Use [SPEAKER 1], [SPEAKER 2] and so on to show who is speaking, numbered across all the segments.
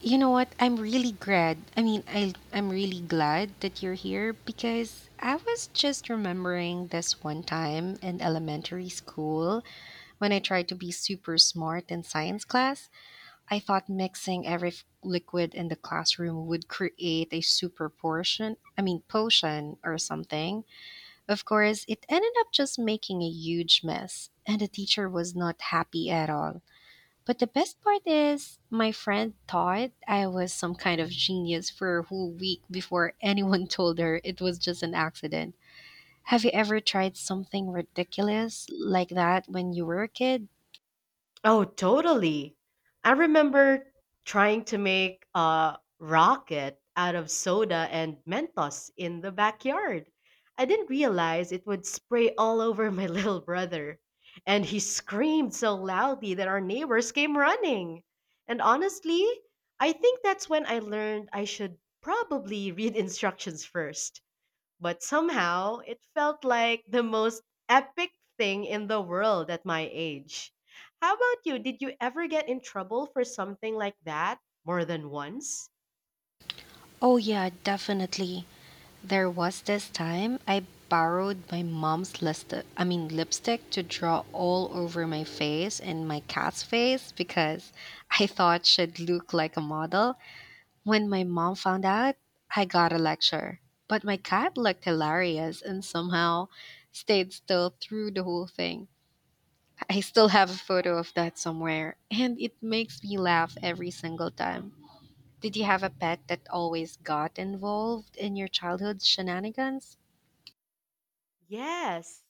[SPEAKER 1] You know what? I'm really glad. I'm really glad that you're here because I was just remembering this one time in elementary school when I tried to be super smart in science class. I thought mixing every liquid in the classroom would create a super portion, I mean, potion or something. Of course, it ended up just making a huge mess, and the teacher was not happy at all. But the best part is, my friend thought I was some kind of genius for a whole week before anyone told her it was just an accident. Have you ever tried something ridiculous like that when you were a kid?
[SPEAKER 2] Oh, totally. I remember trying to make a rocket out of soda and Mentos in the backyard. I didn't realize it would spray all over my little brother. And he screamed so loudly that our neighbors came running. And honestly, I think that's when I learned I should probably read instructions first. But somehow, it felt like the most epic thing in the world at my age. How about you? Did you ever get in trouble for something like that more than once?
[SPEAKER 1] Oh, yeah, definitely. There was this time I borrowed my mom's list I mean lipstick to draw all over my face and my cat's face because I thought she'd look like a model. When my mom found out, I got a lecture. But my cat looked hilarious and somehow stayed still through the whole thing. I still have a photo of that somewhere, and it makes me laugh every single time. Did you have a pet that always got involved in your childhood shenanigans?
[SPEAKER 2] Yes.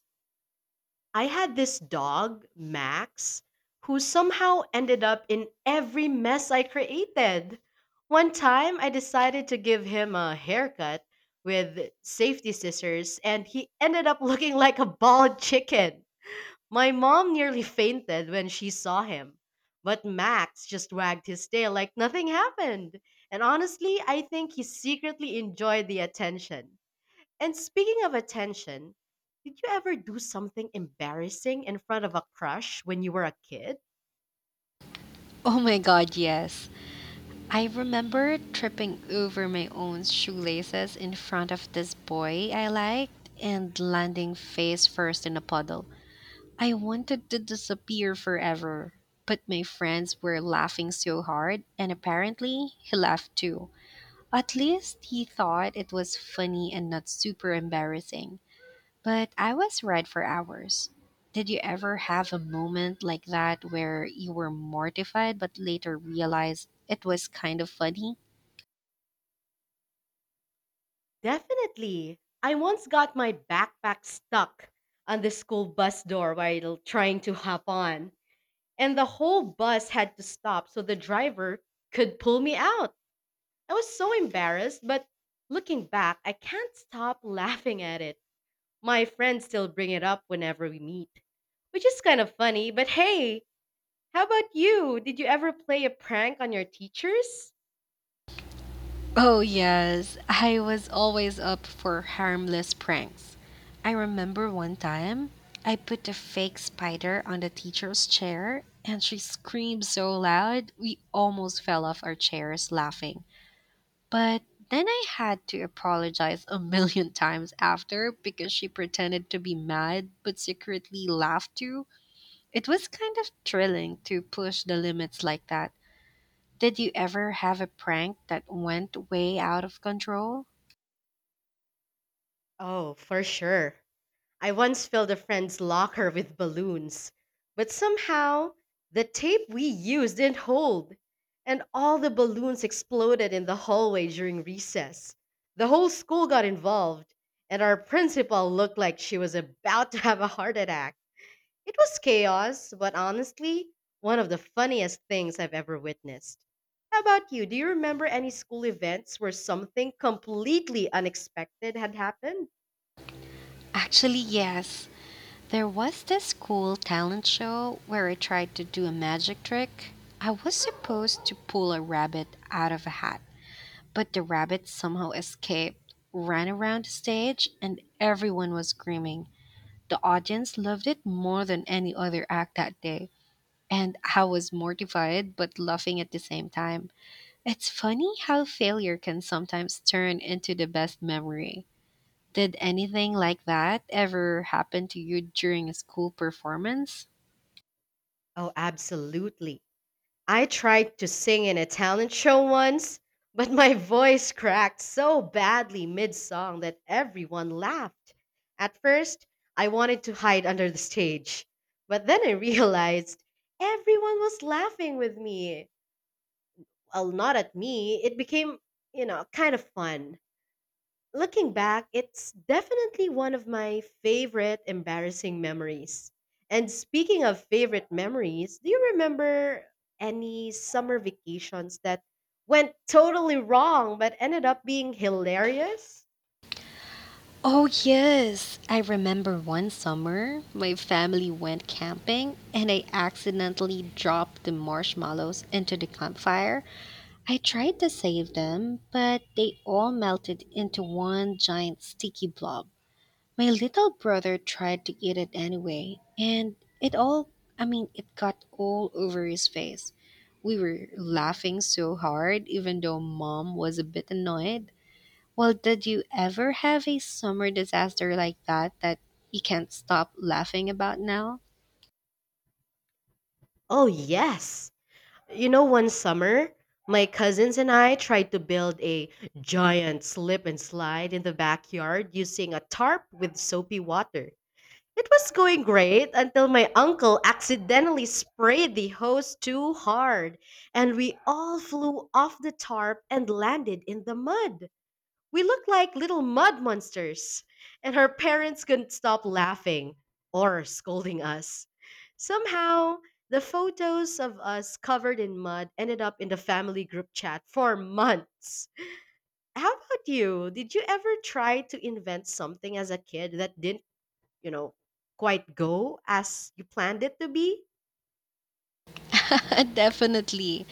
[SPEAKER 2] I had this dog, Max, who somehow ended up in every mess I created. One time, I decided to give him a haircut with safety scissors, and he ended up looking like a bald chicken. My mom nearly fainted when she saw him, but Max just wagged his tail like nothing happened. And honestly, I think he secretly enjoyed the attention. And speaking of attention, did you ever do something embarrassing in front of a crush when you were a kid?
[SPEAKER 1] Oh my god, yes. I remember tripping over my own shoelaces in front of this boy I liked and landing face first in a puddle. I wanted to disappear forever, but my friends were laughing so hard, and apparently he laughed too. At least he thought it was funny and not super embarrassing. But I was red for hours. Did you ever have a moment like that where you were mortified but later realized it was kind of funny?
[SPEAKER 2] Definitely. I once got my backpack stuck on the school bus door while trying to hop on, and the whole bus had to stop so the driver could pull me out. I was so embarrassed, but looking back, I can't stop laughing at it. My friends still bring it up whenever we meet, which is kind of funny. But hey, how about you? Did you ever play a prank on your teachers?
[SPEAKER 1] Oh, yes. I was always up for harmless pranks. I remember one time I put a fake spider on the teacher's chair and she screamed so loud we almost fell off our chairs laughing. But Then I had to apologize a million times after because she pretended to be mad but secretly laughed too. It was kind of thrilling to push the limits like that. Did you ever have a prank that went way out of control?
[SPEAKER 2] Oh, for sure. I once filled a friend's locker with balloons, but somehow the tape we used didn't hold, and all the balloons exploded in the hallway during recess. The whole school got involved, and our principal looked like she was about to have a heart attack. It was chaos, but honestly, one of the funniest things I've ever witnessed. How about you? Do you remember any school events where something completely unexpected had happened?
[SPEAKER 1] Actually, yes. There was this cool talent show where I tried to do a magic trick. I was supposed to pull a rabbit out of a hat, but the rabbit somehow escaped, ran around the stage, and everyone was screaming. The audience loved it more than any other act that day, and I was mortified but laughing at the same time. It's funny how failure can sometimes turn into the best memory. Did anything like that ever happen to you during a school performance?
[SPEAKER 2] Oh, absolutely. I tried to sing in a talent show once, but my voice cracked so badly mid song that everyone laughed. At first, I wanted to hide under the stage, but then I realized everyone was laughing with me. Well, not at me, it became, kind of fun. Looking back, it's definitely one of my favorite embarrassing memories. And speaking of favorite memories, do you remember any summer vacations that went totally wrong but ended up being hilarious?
[SPEAKER 1] Oh, yes. I remember one summer, my family went camping and I accidentally dropped the marshmallows into the campfire. I tried to save them, but they all melted into one giant sticky blob. My little brother tried to eat it anyway, and it all, it got all over his face. We were laughing so hard, even though mom was a bit annoyed. Well, did you ever have a summer disaster like that that you can't stop laughing about now?
[SPEAKER 2] Oh, yes. You know, one summer, my cousins and I tried to build a giant slip and slide in the backyard using a tarp with soapy water. It was going great until my uncle accidentally sprayed the hose too hard, and we all flew off the tarp and landed in the mud. We looked like little mud monsters, and her parents couldn't stop laughing or scolding us. Somehow, the photos of us covered in mud ended up in the family group chat for months. How about you? Did you ever try to invent something as a kid that didn't, you know, quite go as you planned it to be?
[SPEAKER 1] Definitely.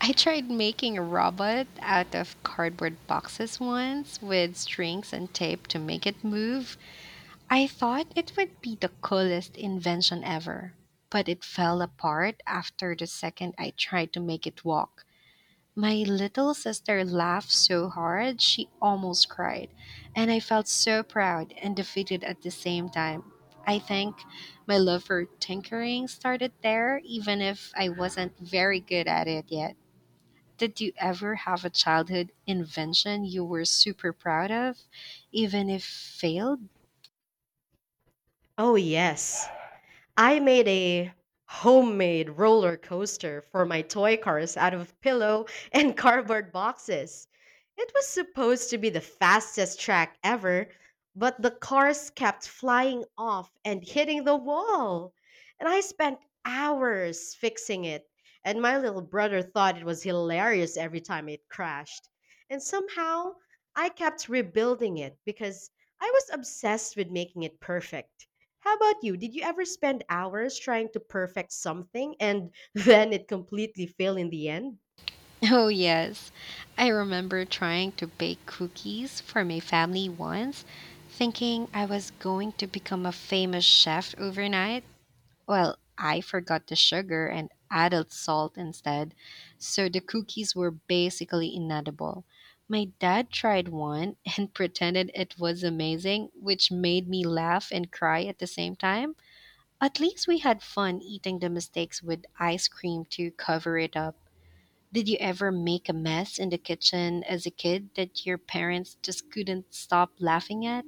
[SPEAKER 1] I tried making a robot out of cardboard boxes once with strings and tape to make it move. I thought it would be the coolest invention ever, but it fell apart after the second I tried to make it walk. My little sister laughed so hard she almost cried, and I felt so proud and defeated at the same time. I think my love for tinkering started there, even if I wasn't very good at it yet. Did you ever have a childhood invention you were super proud of, even if failed?
[SPEAKER 2] Oh, yes. I made a homemade roller coaster for my toy cars out of pillow and cardboard boxes. It was supposed to be the fastest track ever, but the cars kept flying off and hitting the wall. And I spent hours fixing it, and my little brother thought it was hilarious every time it crashed. And somehow, I kept rebuilding it because I was obsessed with making it perfect. How about you? Did you ever spend hours trying to perfect something and then it completely failed in the end?
[SPEAKER 1] Oh, yes. I remember trying to bake cookies for my family once, thinking I was going to become a famous chef overnight. Well, I forgot the sugar and added salt instead, so the cookies were basically inedible. My dad tried one and pretended it was amazing, which made me laugh and cry at the same time. At least we had fun eating the mistakes with ice cream to cover it up. Did you ever make a mess in the kitchen as a kid that your parents just couldn't stop laughing at?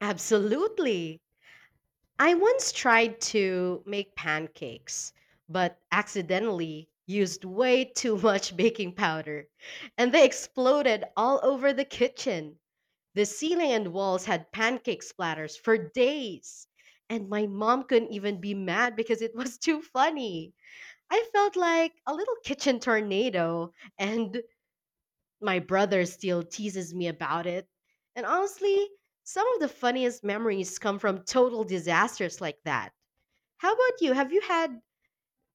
[SPEAKER 2] Absolutely. I once tried to make pancakes, but accidentally used way too much baking powder, and they exploded all over the kitchen. The ceiling and walls had pancake splatters for days. And my mom couldn't even be mad because it was too funny. I felt like a little kitchen tornado, and my brother still teases me about it. And honestly, some of the funniest memories come from total disasters like that. How about you? Have you had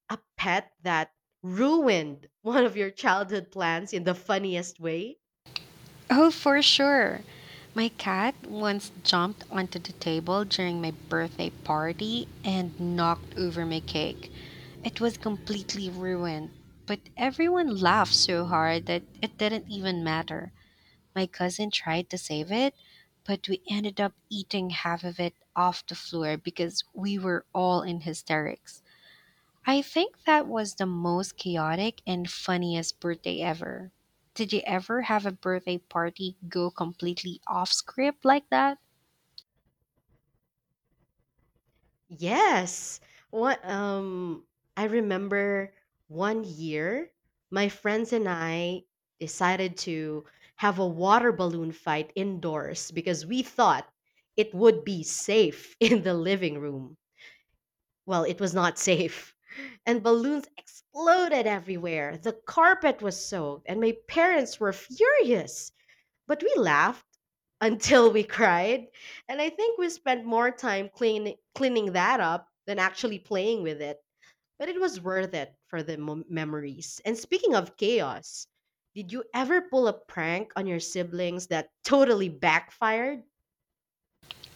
[SPEAKER 2] a pet that ruined one of your childhood plans in the funniest way?
[SPEAKER 1] Oh, for sure. My cat once jumped onto the table during my birthday party and knocked over my cake. It was completely ruined, but everyone laughed so hard that it didn't even matter. My cousin tried to save it, but we ended up eating half of it off the floor because we were all in hysterics. I think that was the most chaotic and funniest birthday ever. Did you ever have a birthday party go completely off script like that?
[SPEAKER 2] Yes. What I remember one year my friends and I decided to have a water balloon fight indoors because we thought it would be safe in the living room. Well, it was not safe. And balloons exploded everywhere. The carpet was soaked and my parents were furious. But we laughed until we cried. And I think we spent more time cleaning that up than actually playing with it. But it was worth it for the memories. And speaking of chaos, did you ever pull a prank on your siblings that totally backfired?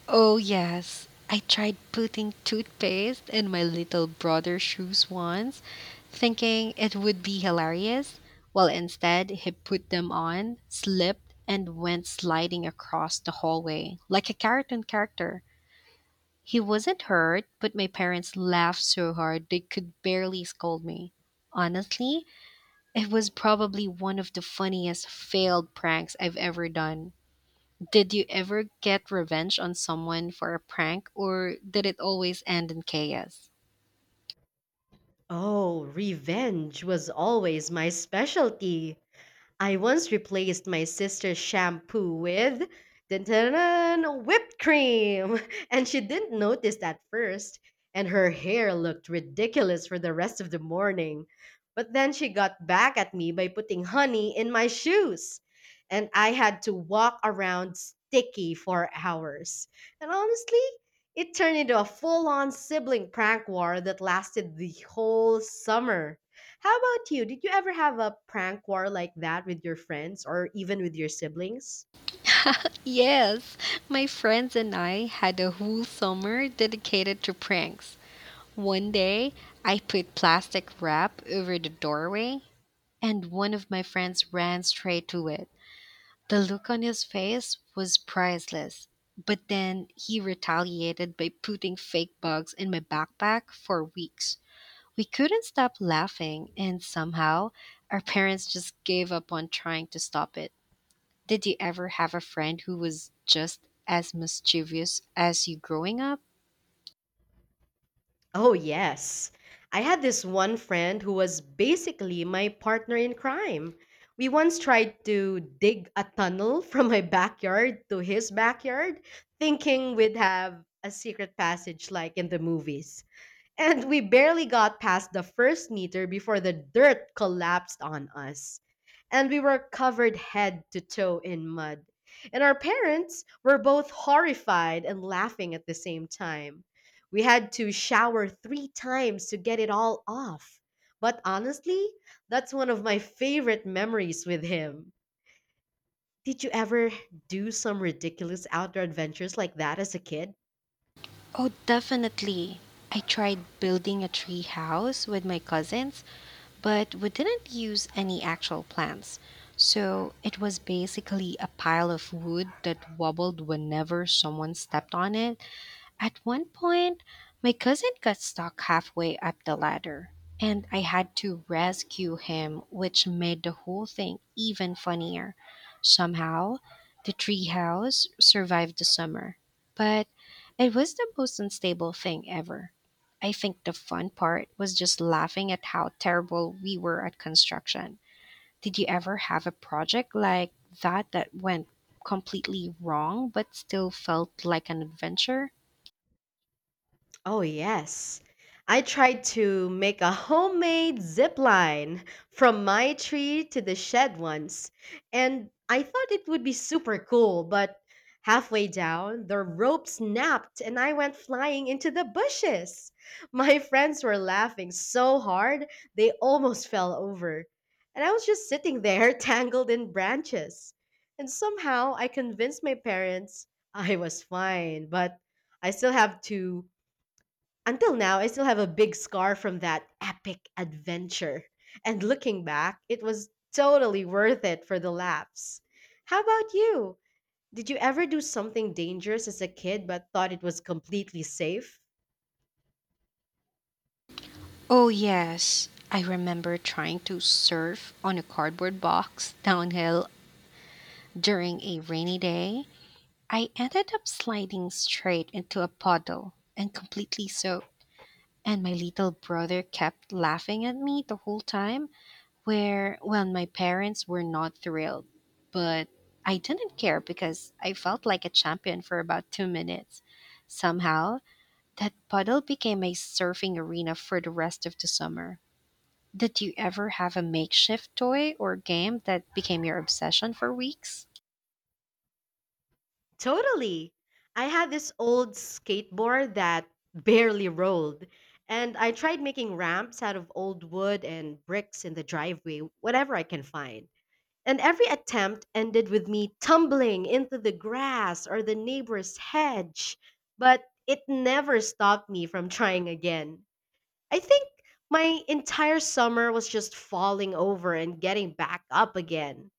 [SPEAKER 1] Oh, yes. I tried putting toothpaste in my little brother's shoes once, thinking it would be hilarious. Well, instead, he put them on, slipped, and went sliding across the hallway like a cartoon character. He wasn't hurt, but my parents laughed so hard they could barely scold me. Honestly, it was probably one of the funniest failed pranks I've ever done. Did you ever get revenge on someone for a prank, or did it always end in chaos?
[SPEAKER 2] Oh, revenge was always my specialty. I once replaced my sister's shampoo with dun, dun, dun, whipped cream, and she didn't notice at first, and her hair looked ridiculous for the rest of the morning. But then she got back at me by putting honey in my shoes, and I had to walk around sticky for hours. And honestly, it turned into a full on sibling prank war that lasted the whole summer. How about you? Did you ever have a prank war like that with your friends or even with your siblings?
[SPEAKER 1] Yes, my friends and I had a whole summer dedicated to pranks. One day, I put plastic wrap over the doorway, and one of my friends ran straight to it. The look on his face was priceless. But then he retaliated by putting fake bugs in my backpack for weeks. We couldn't stop laughing, and somehow our parents just gave up on trying to stop it. Did you ever have a friend who was just as mischievous as you growing up?
[SPEAKER 2] Oh, yes. I had this one friend who was basically my partner in crime. We once tried to dig a tunnel from my backyard to his backyard, thinking we'd have a secret passage like in the movies. And we barely got past the first meter before the dirt collapsed on us. And we were covered head to toe in mud. And our parents were both horrified and laughing at the same time. We had to shower three times to get it all off. But honestly, that's one of my favorite memories with him. Did you ever do some ridiculous outdoor adventures like that as a kid?
[SPEAKER 1] Oh, definitely. I tried building a tree house with my cousins, but we didn't use any actual plants. So it was basically a pile of wood that wobbled whenever someone stepped on it. At one point, my cousin got stuck halfway up the ladder, and I had to rescue him, which made the whole thing even funnier. Somehow, the treehouse survived the summer, but it was the most unstable thing ever. I think the fun part was just laughing at how terrible we were at construction. Did you ever have a project like that went completely wrong but still felt like an adventure?
[SPEAKER 2] Oh, yes. I tried to make a homemade zip line from my tree to the shed once, and I thought it would be super cool, but halfway down, the rope snapped and I went flying into the bushes. My friends were laughing so hard, they almost fell over. And I was just sitting there, tangled in branches. And somehow I convinced my parents I was fine, but I still have to until now, I still have a big scar from that epic adventure. And looking back, it was totally worth it for the laughs. How about you? Did you ever do something dangerous as a kid but thought it was completely safe?
[SPEAKER 1] Oh, yes. I remember trying to surf on a cardboard box downhill during a rainy day. I ended up sliding straight into a puddle and completely soaked. And my little brother kept laughing at me the whole time, well, my parents were not thrilled. But I didn't care because I felt like a champion for about 2 minutes. Somehow, that puddle became a surfing arena for the rest of the summer. Did you ever have a makeshift toy or game that became your obsession for weeks?
[SPEAKER 2] Totally. I had this old skateboard that barely rolled, and I tried making ramps out of old wood and bricks in the driveway, whatever I can find. And every attempt ended with me tumbling into the grass or the neighbor's hedge, but it never stopped me from trying again. I think my entire summer was just falling over and getting back up again.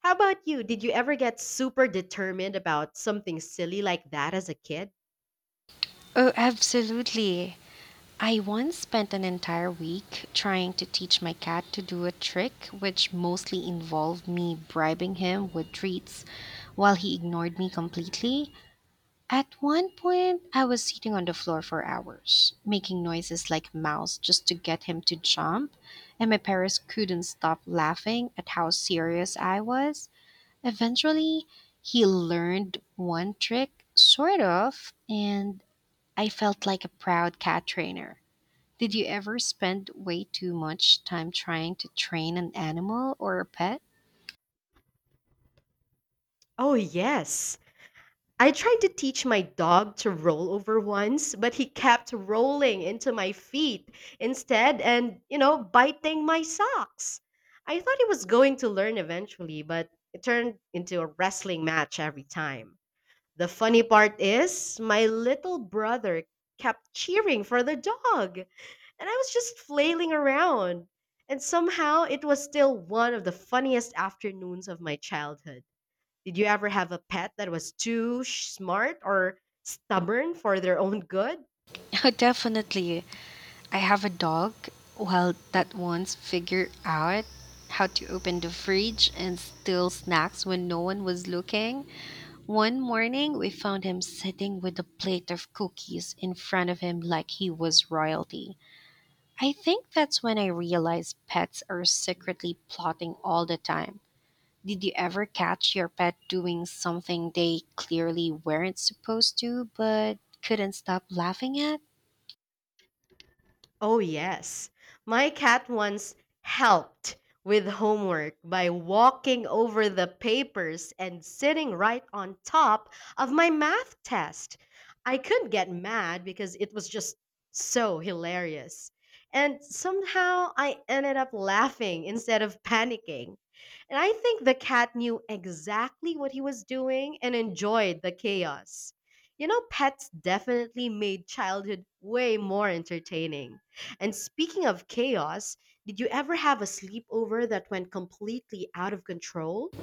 [SPEAKER 2] How about you? Did you ever get super determined about something silly like that as a kid?
[SPEAKER 1] Oh, absolutely. I once spent an entire week trying to teach my cat to do a trick, which mostly involved me bribing him with treats while he ignored me completely. At one point, I was sitting on the floor for hours, making noises like mouse just to get him to jump, and my parents couldn't stop laughing at how serious I was. Eventually, he learned one trick, sort of, and I felt like a proud cat trainer. Did you ever spend way too much time trying to train an animal or a pet?
[SPEAKER 2] Oh, yes. I tried to teach my dog to roll over once, but he kept rolling into my feet instead and, you know, biting my socks. I thought he was going to learn eventually, but it turned into a wrestling match every time. The funny part is, my little brother kept cheering for the dog, and I was just flailing around. And somehow it was still one of the funniest afternoons of my childhood. Did you ever have a pet that was too smart or stubborn for their own good?
[SPEAKER 1] Oh, definitely. I have a dog. Well, that once figured out how to open the fridge and steal snacks when no one was looking. One morning, we found him sitting with a plate of cookies in front of him like he was royalty. I think that's when I realized pets are secretly plotting all the time. Did you ever catch your pet doing something they clearly weren't supposed to, but couldn't stop laughing at?
[SPEAKER 2] Oh, yes. My cat once helped with homework by walking over the papers and sitting right on top of my math test. I couldn't get mad because it was just so hilarious. And somehow I ended up laughing instead of panicking. And I think the cat knew exactly what he was doing and enjoyed the chaos. You know, pets definitely made childhood way more entertaining. And speaking of chaos, did you ever have a sleepover that went completely out of control?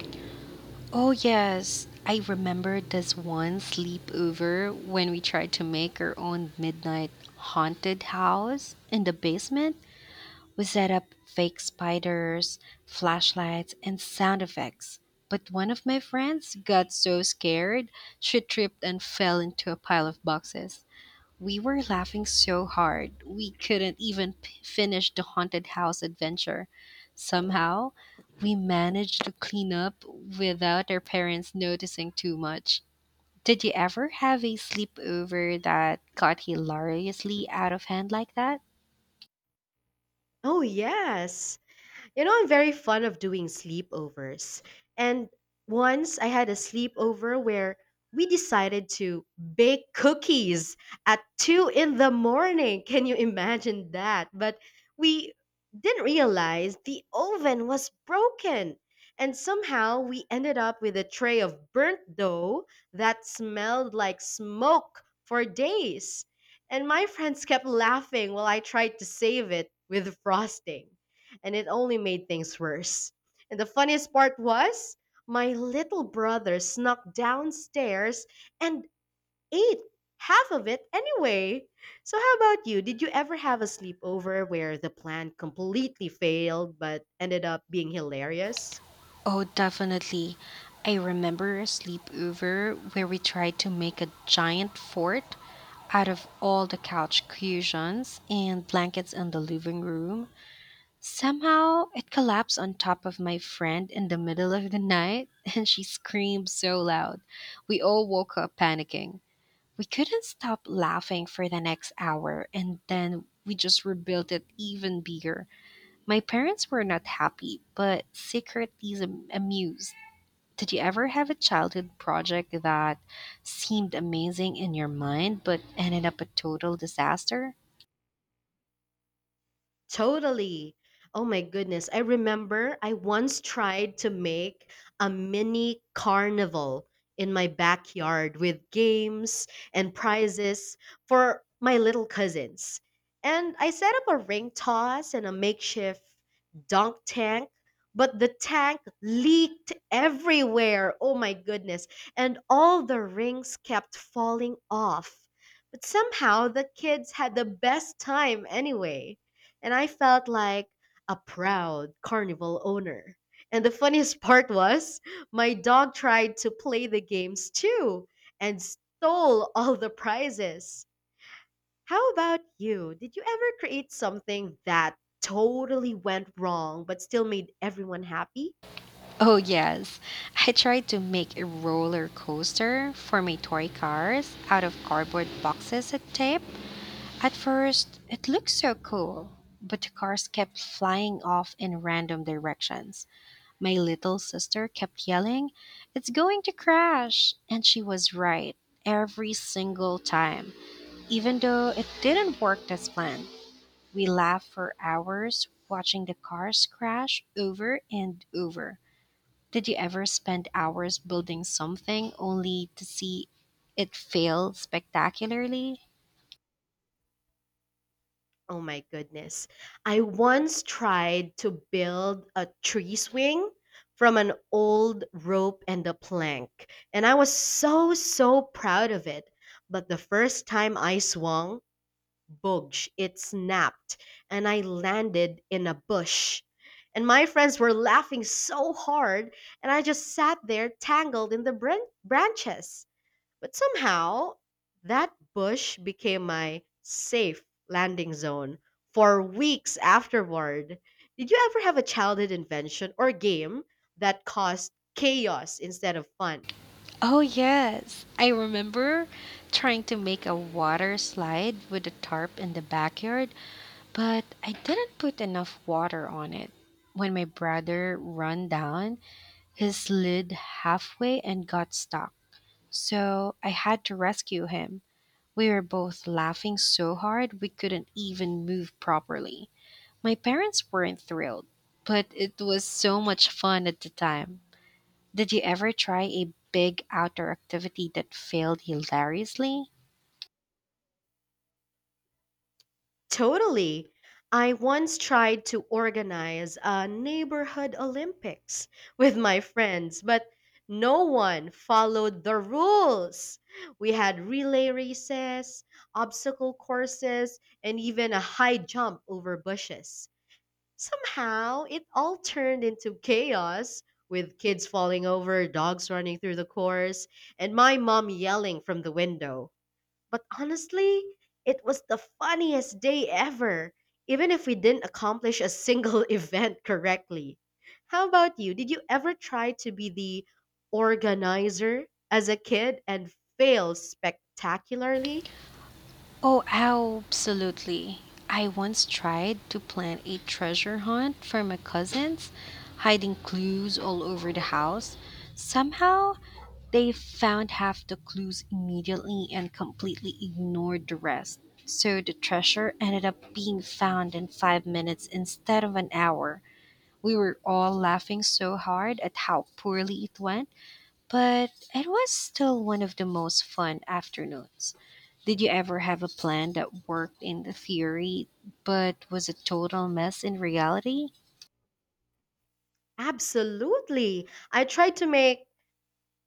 [SPEAKER 1] Oh, yes. I remember this one sleepover when we tried to make our own midnight haunted house in the basement. We set up fake spiders, flashlights, and sound effects. But one of my friends got so scared, she tripped and fell into a pile of boxes. We were laughing so hard, we couldn't even finish the haunted house adventure. Somehow, we managed to clean up without our parents noticing too much. Did you ever have a sleepover that got hilariously out of hand like that?
[SPEAKER 2] Oh, yes. You know, I'm very fond of doing sleepovers. And once I had a sleepover where we decided to bake cookies at 2 in the morning. Can you imagine that? But we didn't realize the oven was broken. And somehow we ended up with a tray of burnt dough that smelled like smoke for days. And my friends kept laughing while I tried to save it with frosting and it only made things worse. And the funniest part was my little brother snuck downstairs and ate half of it anyway. So, how about you? Did you ever have a sleepover where the plan completely failed but ended up being hilarious?
[SPEAKER 1] Oh, definitely. I remember a sleepover where we tried to make a giant fort out of all the couch cushions and blankets in the living room. Somehow it collapsed on top of my friend in the middle of the night, and she screamed so loud. We all woke up panicking. We couldn't stop laughing for the next hour, and then we just rebuilt it even bigger. My parents were not happy, but secretly amused. Did you ever have a childhood project that seemed amazing in your mind but ended up a total disaster?
[SPEAKER 2] Totally. Oh my goodness. I remember I once tried to make a mini carnival in my backyard with games and prizes for my little cousins. And I set up a ring toss and a makeshift dunk tank, but the tank leaked everywhere. Oh my goodness. And all the rings kept falling off. But somehow the kids had the best time anyway, and I felt like a proud carnival owner. And the funniest part was, my dog tried to play the games too and stole all the prizes. How about you? Did you ever create something that totally went wrong but still made everyone happy?
[SPEAKER 1] Oh, yes. I tried to make a roller coaster for my toy cars out of cardboard boxes and tape. At first, it looked so cool, but the cars kept flying off in random directions. My little sister kept yelling, "It's going to crash!" And she was right every single time. Even though it didn't work as planned, we laughed for hours watching the cars crash over and over. Did you ever spend hours building something only to see it fail spectacularly?
[SPEAKER 2] Oh my goodness. I once tried to build a tree swing from an old rope and a plank, and I was so proud of it. But the first time I swung, boogsh, it snapped, and I landed in a bush. And my friends were laughing so hard, and I just sat there tangled in the branches. But somehow, that bush became my safe landing zone for weeks afterward. Did you ever have a childhood invention or game that caused chaos instead of fun?
[SPEAKER 1] Oh, yes. I remember trying to make a water slide with a tarp in the backyard, but I didn't put enough water on it. When my brother ran down, he slid halfway and got stuck. So I had to rescue him. We were both laughing so hard we couldn't even move properly. My parents weren't thrilled, but it was so much fun at the time. Did you ever try a big outdoor activity that failed hilariously?
[SPEAKER 2] Totally. I once tried to organize a neighborhood Olympics with my friends, but no one followed the rules. We had relay races, obstacle courses, and even a high jump over bushes. Somehow, it all turned into chaos with kids falling over, dogs running through the course, and my mom yelling from the window. But honestly, it was the funniest day ever, even if we didn't accomplish a single event correctly. How about you? Did you ever try to be the organizer as a kid and fail spectacularly?
[SPEAKER 1] Oh, absolutely. I once tried to plan a treasure hunt for my cousins, hiding clues all over the house. Somehow, they found half the clues immediately and completely ignored the rest. So the treasure ended up being found in 5 minutes instead of an hour. We were all laughing so hard at how poorly it went, but it was still one of the most fun afternoons. Did you ever have a plan that worked in the theory but was a total mess in reality?
[SPEAKER 2] Absolutely. I tried to make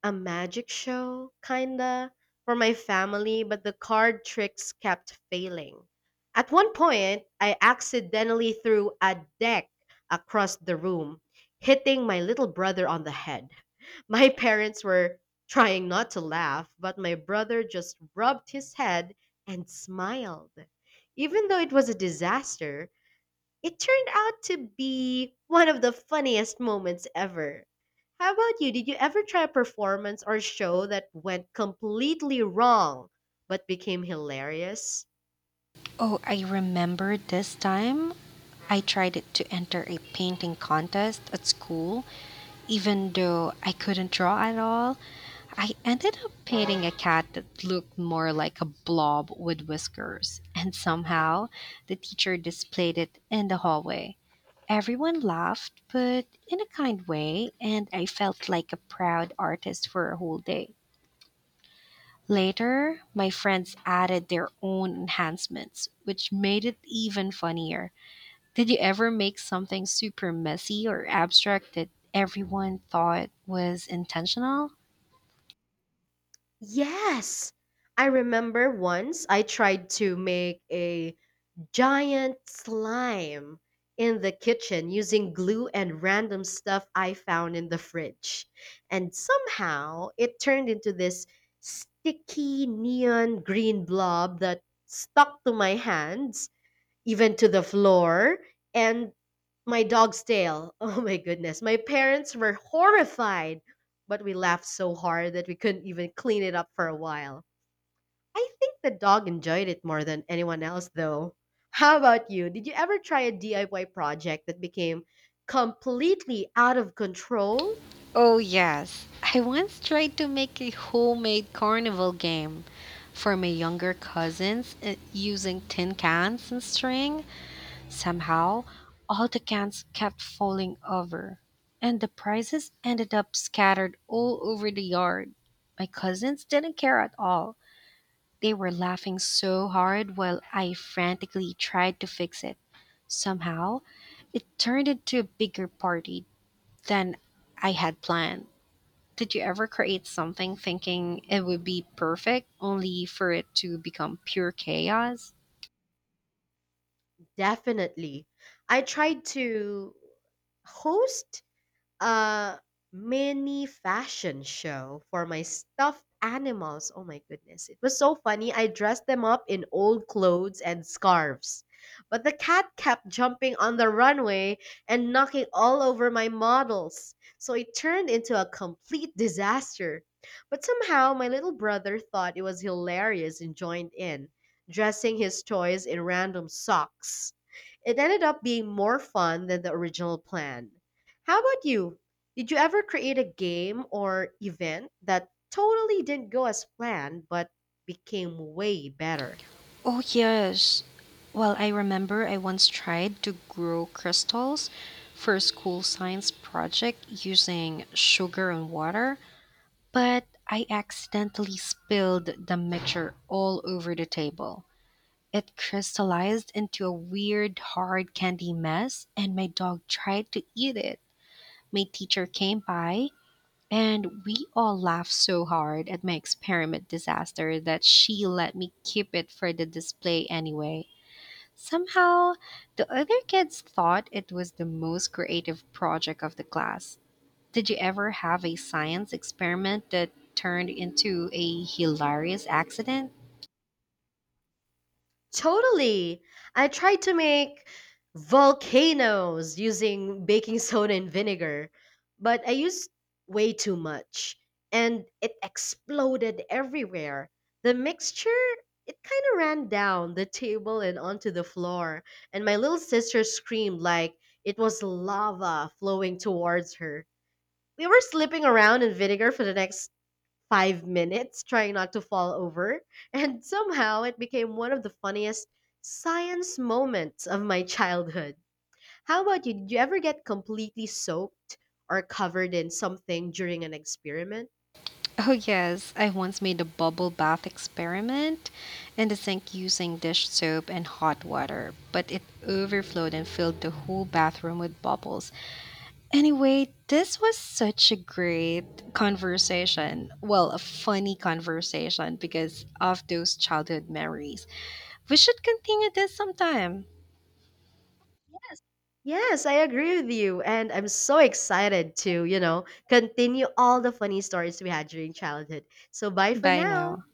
[SPEAKER 2] a magic show, kinda, for my family, but the card tricks kept failing. At one point, I accidentally threw a deck across the room, hitting my little brother on the head. My parents were trying not to laugh, but my brother just rubbed his head and smiled. Even though it was a disaster, it turned out to be one of the funniest moments ever. How about you? Did you ever try a performance or show that went completely wrong but became hilarious?
[SPEAKER 1] Oh, I remember this time I tried it to enter a painting contest at school. Even though I couldn't draw at all, I ended up painting a cat that looked more like a blob with whiskers. And somehow, the teacher displayed it in the hallway. Everyone laughed, but in a kind way, and I felt like a proud artist for a whole day. Later, my friends added their own enhancements, which made it even funnier. Did you ever make something super messy or abstract that everyone thought was intentional?
[SPEAKER 2] Yes. I remember once I tried to make a giant slime in the kitchen using glue and random stuff I found in the fridge. And somehow it turned into this sticky neon green blob that stuck to my hands, even to the floor, and my dog's tail. Oh my goodness. My parents were horrified, but we laughed so hard that we couldn't even clean it up for a while. I think the dog enjoyed it more than anyone else, though. How about you? Did you ever try a DIY project that became completely out of control?
[SPEAKER 1] Oh, yes. I once tried to make a homemade carnival game for my younger cousins using tin cans and string. Somehow, all the cans kept falling over, and the prizes ended up scattered all over the yard. My cousins didn't care at all. They were laughing so hard while I frantically tried to fix it. Somehow, it turned into a bigger party than I had planned. Did you ever create something thinking it would be perfect only for it to become pure chaos?
[SPEAKER 2] Definitely. I tried to host a mini fashion show for my stuffed animals. Oh my goodness. It was so funny. I dressed them up in old clothes and scarves. But the cat kept jumping on the runway and knocking all over my models. So it turned into a complete disaster. But somehow my little brother thought it was hilarious and joined in, dressing his toys in random socks. It ended up being more fun than the original plan. How about you? Did you ever create a game or event that totally didn't go as planned but became way better?
[SPEAKER 1] Oh, yes. Well, I remember I once tried to grow crystals for a school science project using sugar and water, but I accidentally spilled the mixture all over the table. It crystallized into a weird, hard candy mess, and my dog tried to eat it. My teacher came by, and we all laughed so hard at my experiment disaster that she let me keep it for the display anyway. Somehow, the other kids thought it was the most creative project of the class. Did you ever have a science experiment that turned into a hilarious accident?
[SPEAKER 2] Totally. I tried to make volcanoes using baking soda and vinegar, but I used way too much and it exploded everywhere. The mixture, it kind of ran down the table and onto the floor, and my little sister screamed like it was lava flowing towards her. We were slipping around in vinegar for the next 5 minutes trying not to fall over, and somehow it became one of the funniest science moments of my childhood. How about you? Did you ever get completely soaked or covered in something during an experiment?
[SPEAKER 1] Oh, yes. I once made a bubble bath experiment in the sink using dish soap and hot water, but it overflowed and filled the whole bathroom with bubbles. Anyway, this was such a great conversation. Well, a funny conversation because of those childhood memories. We should continue this sometime.
[SPEAKER 2] Yes, I agree with you. And I'm so excited to, you know, continue all the funny stories we had during childhood. So bye for
[SPEAKER 1] Bye
[SPEAKER 2] now.
[SPEAKER 1] now.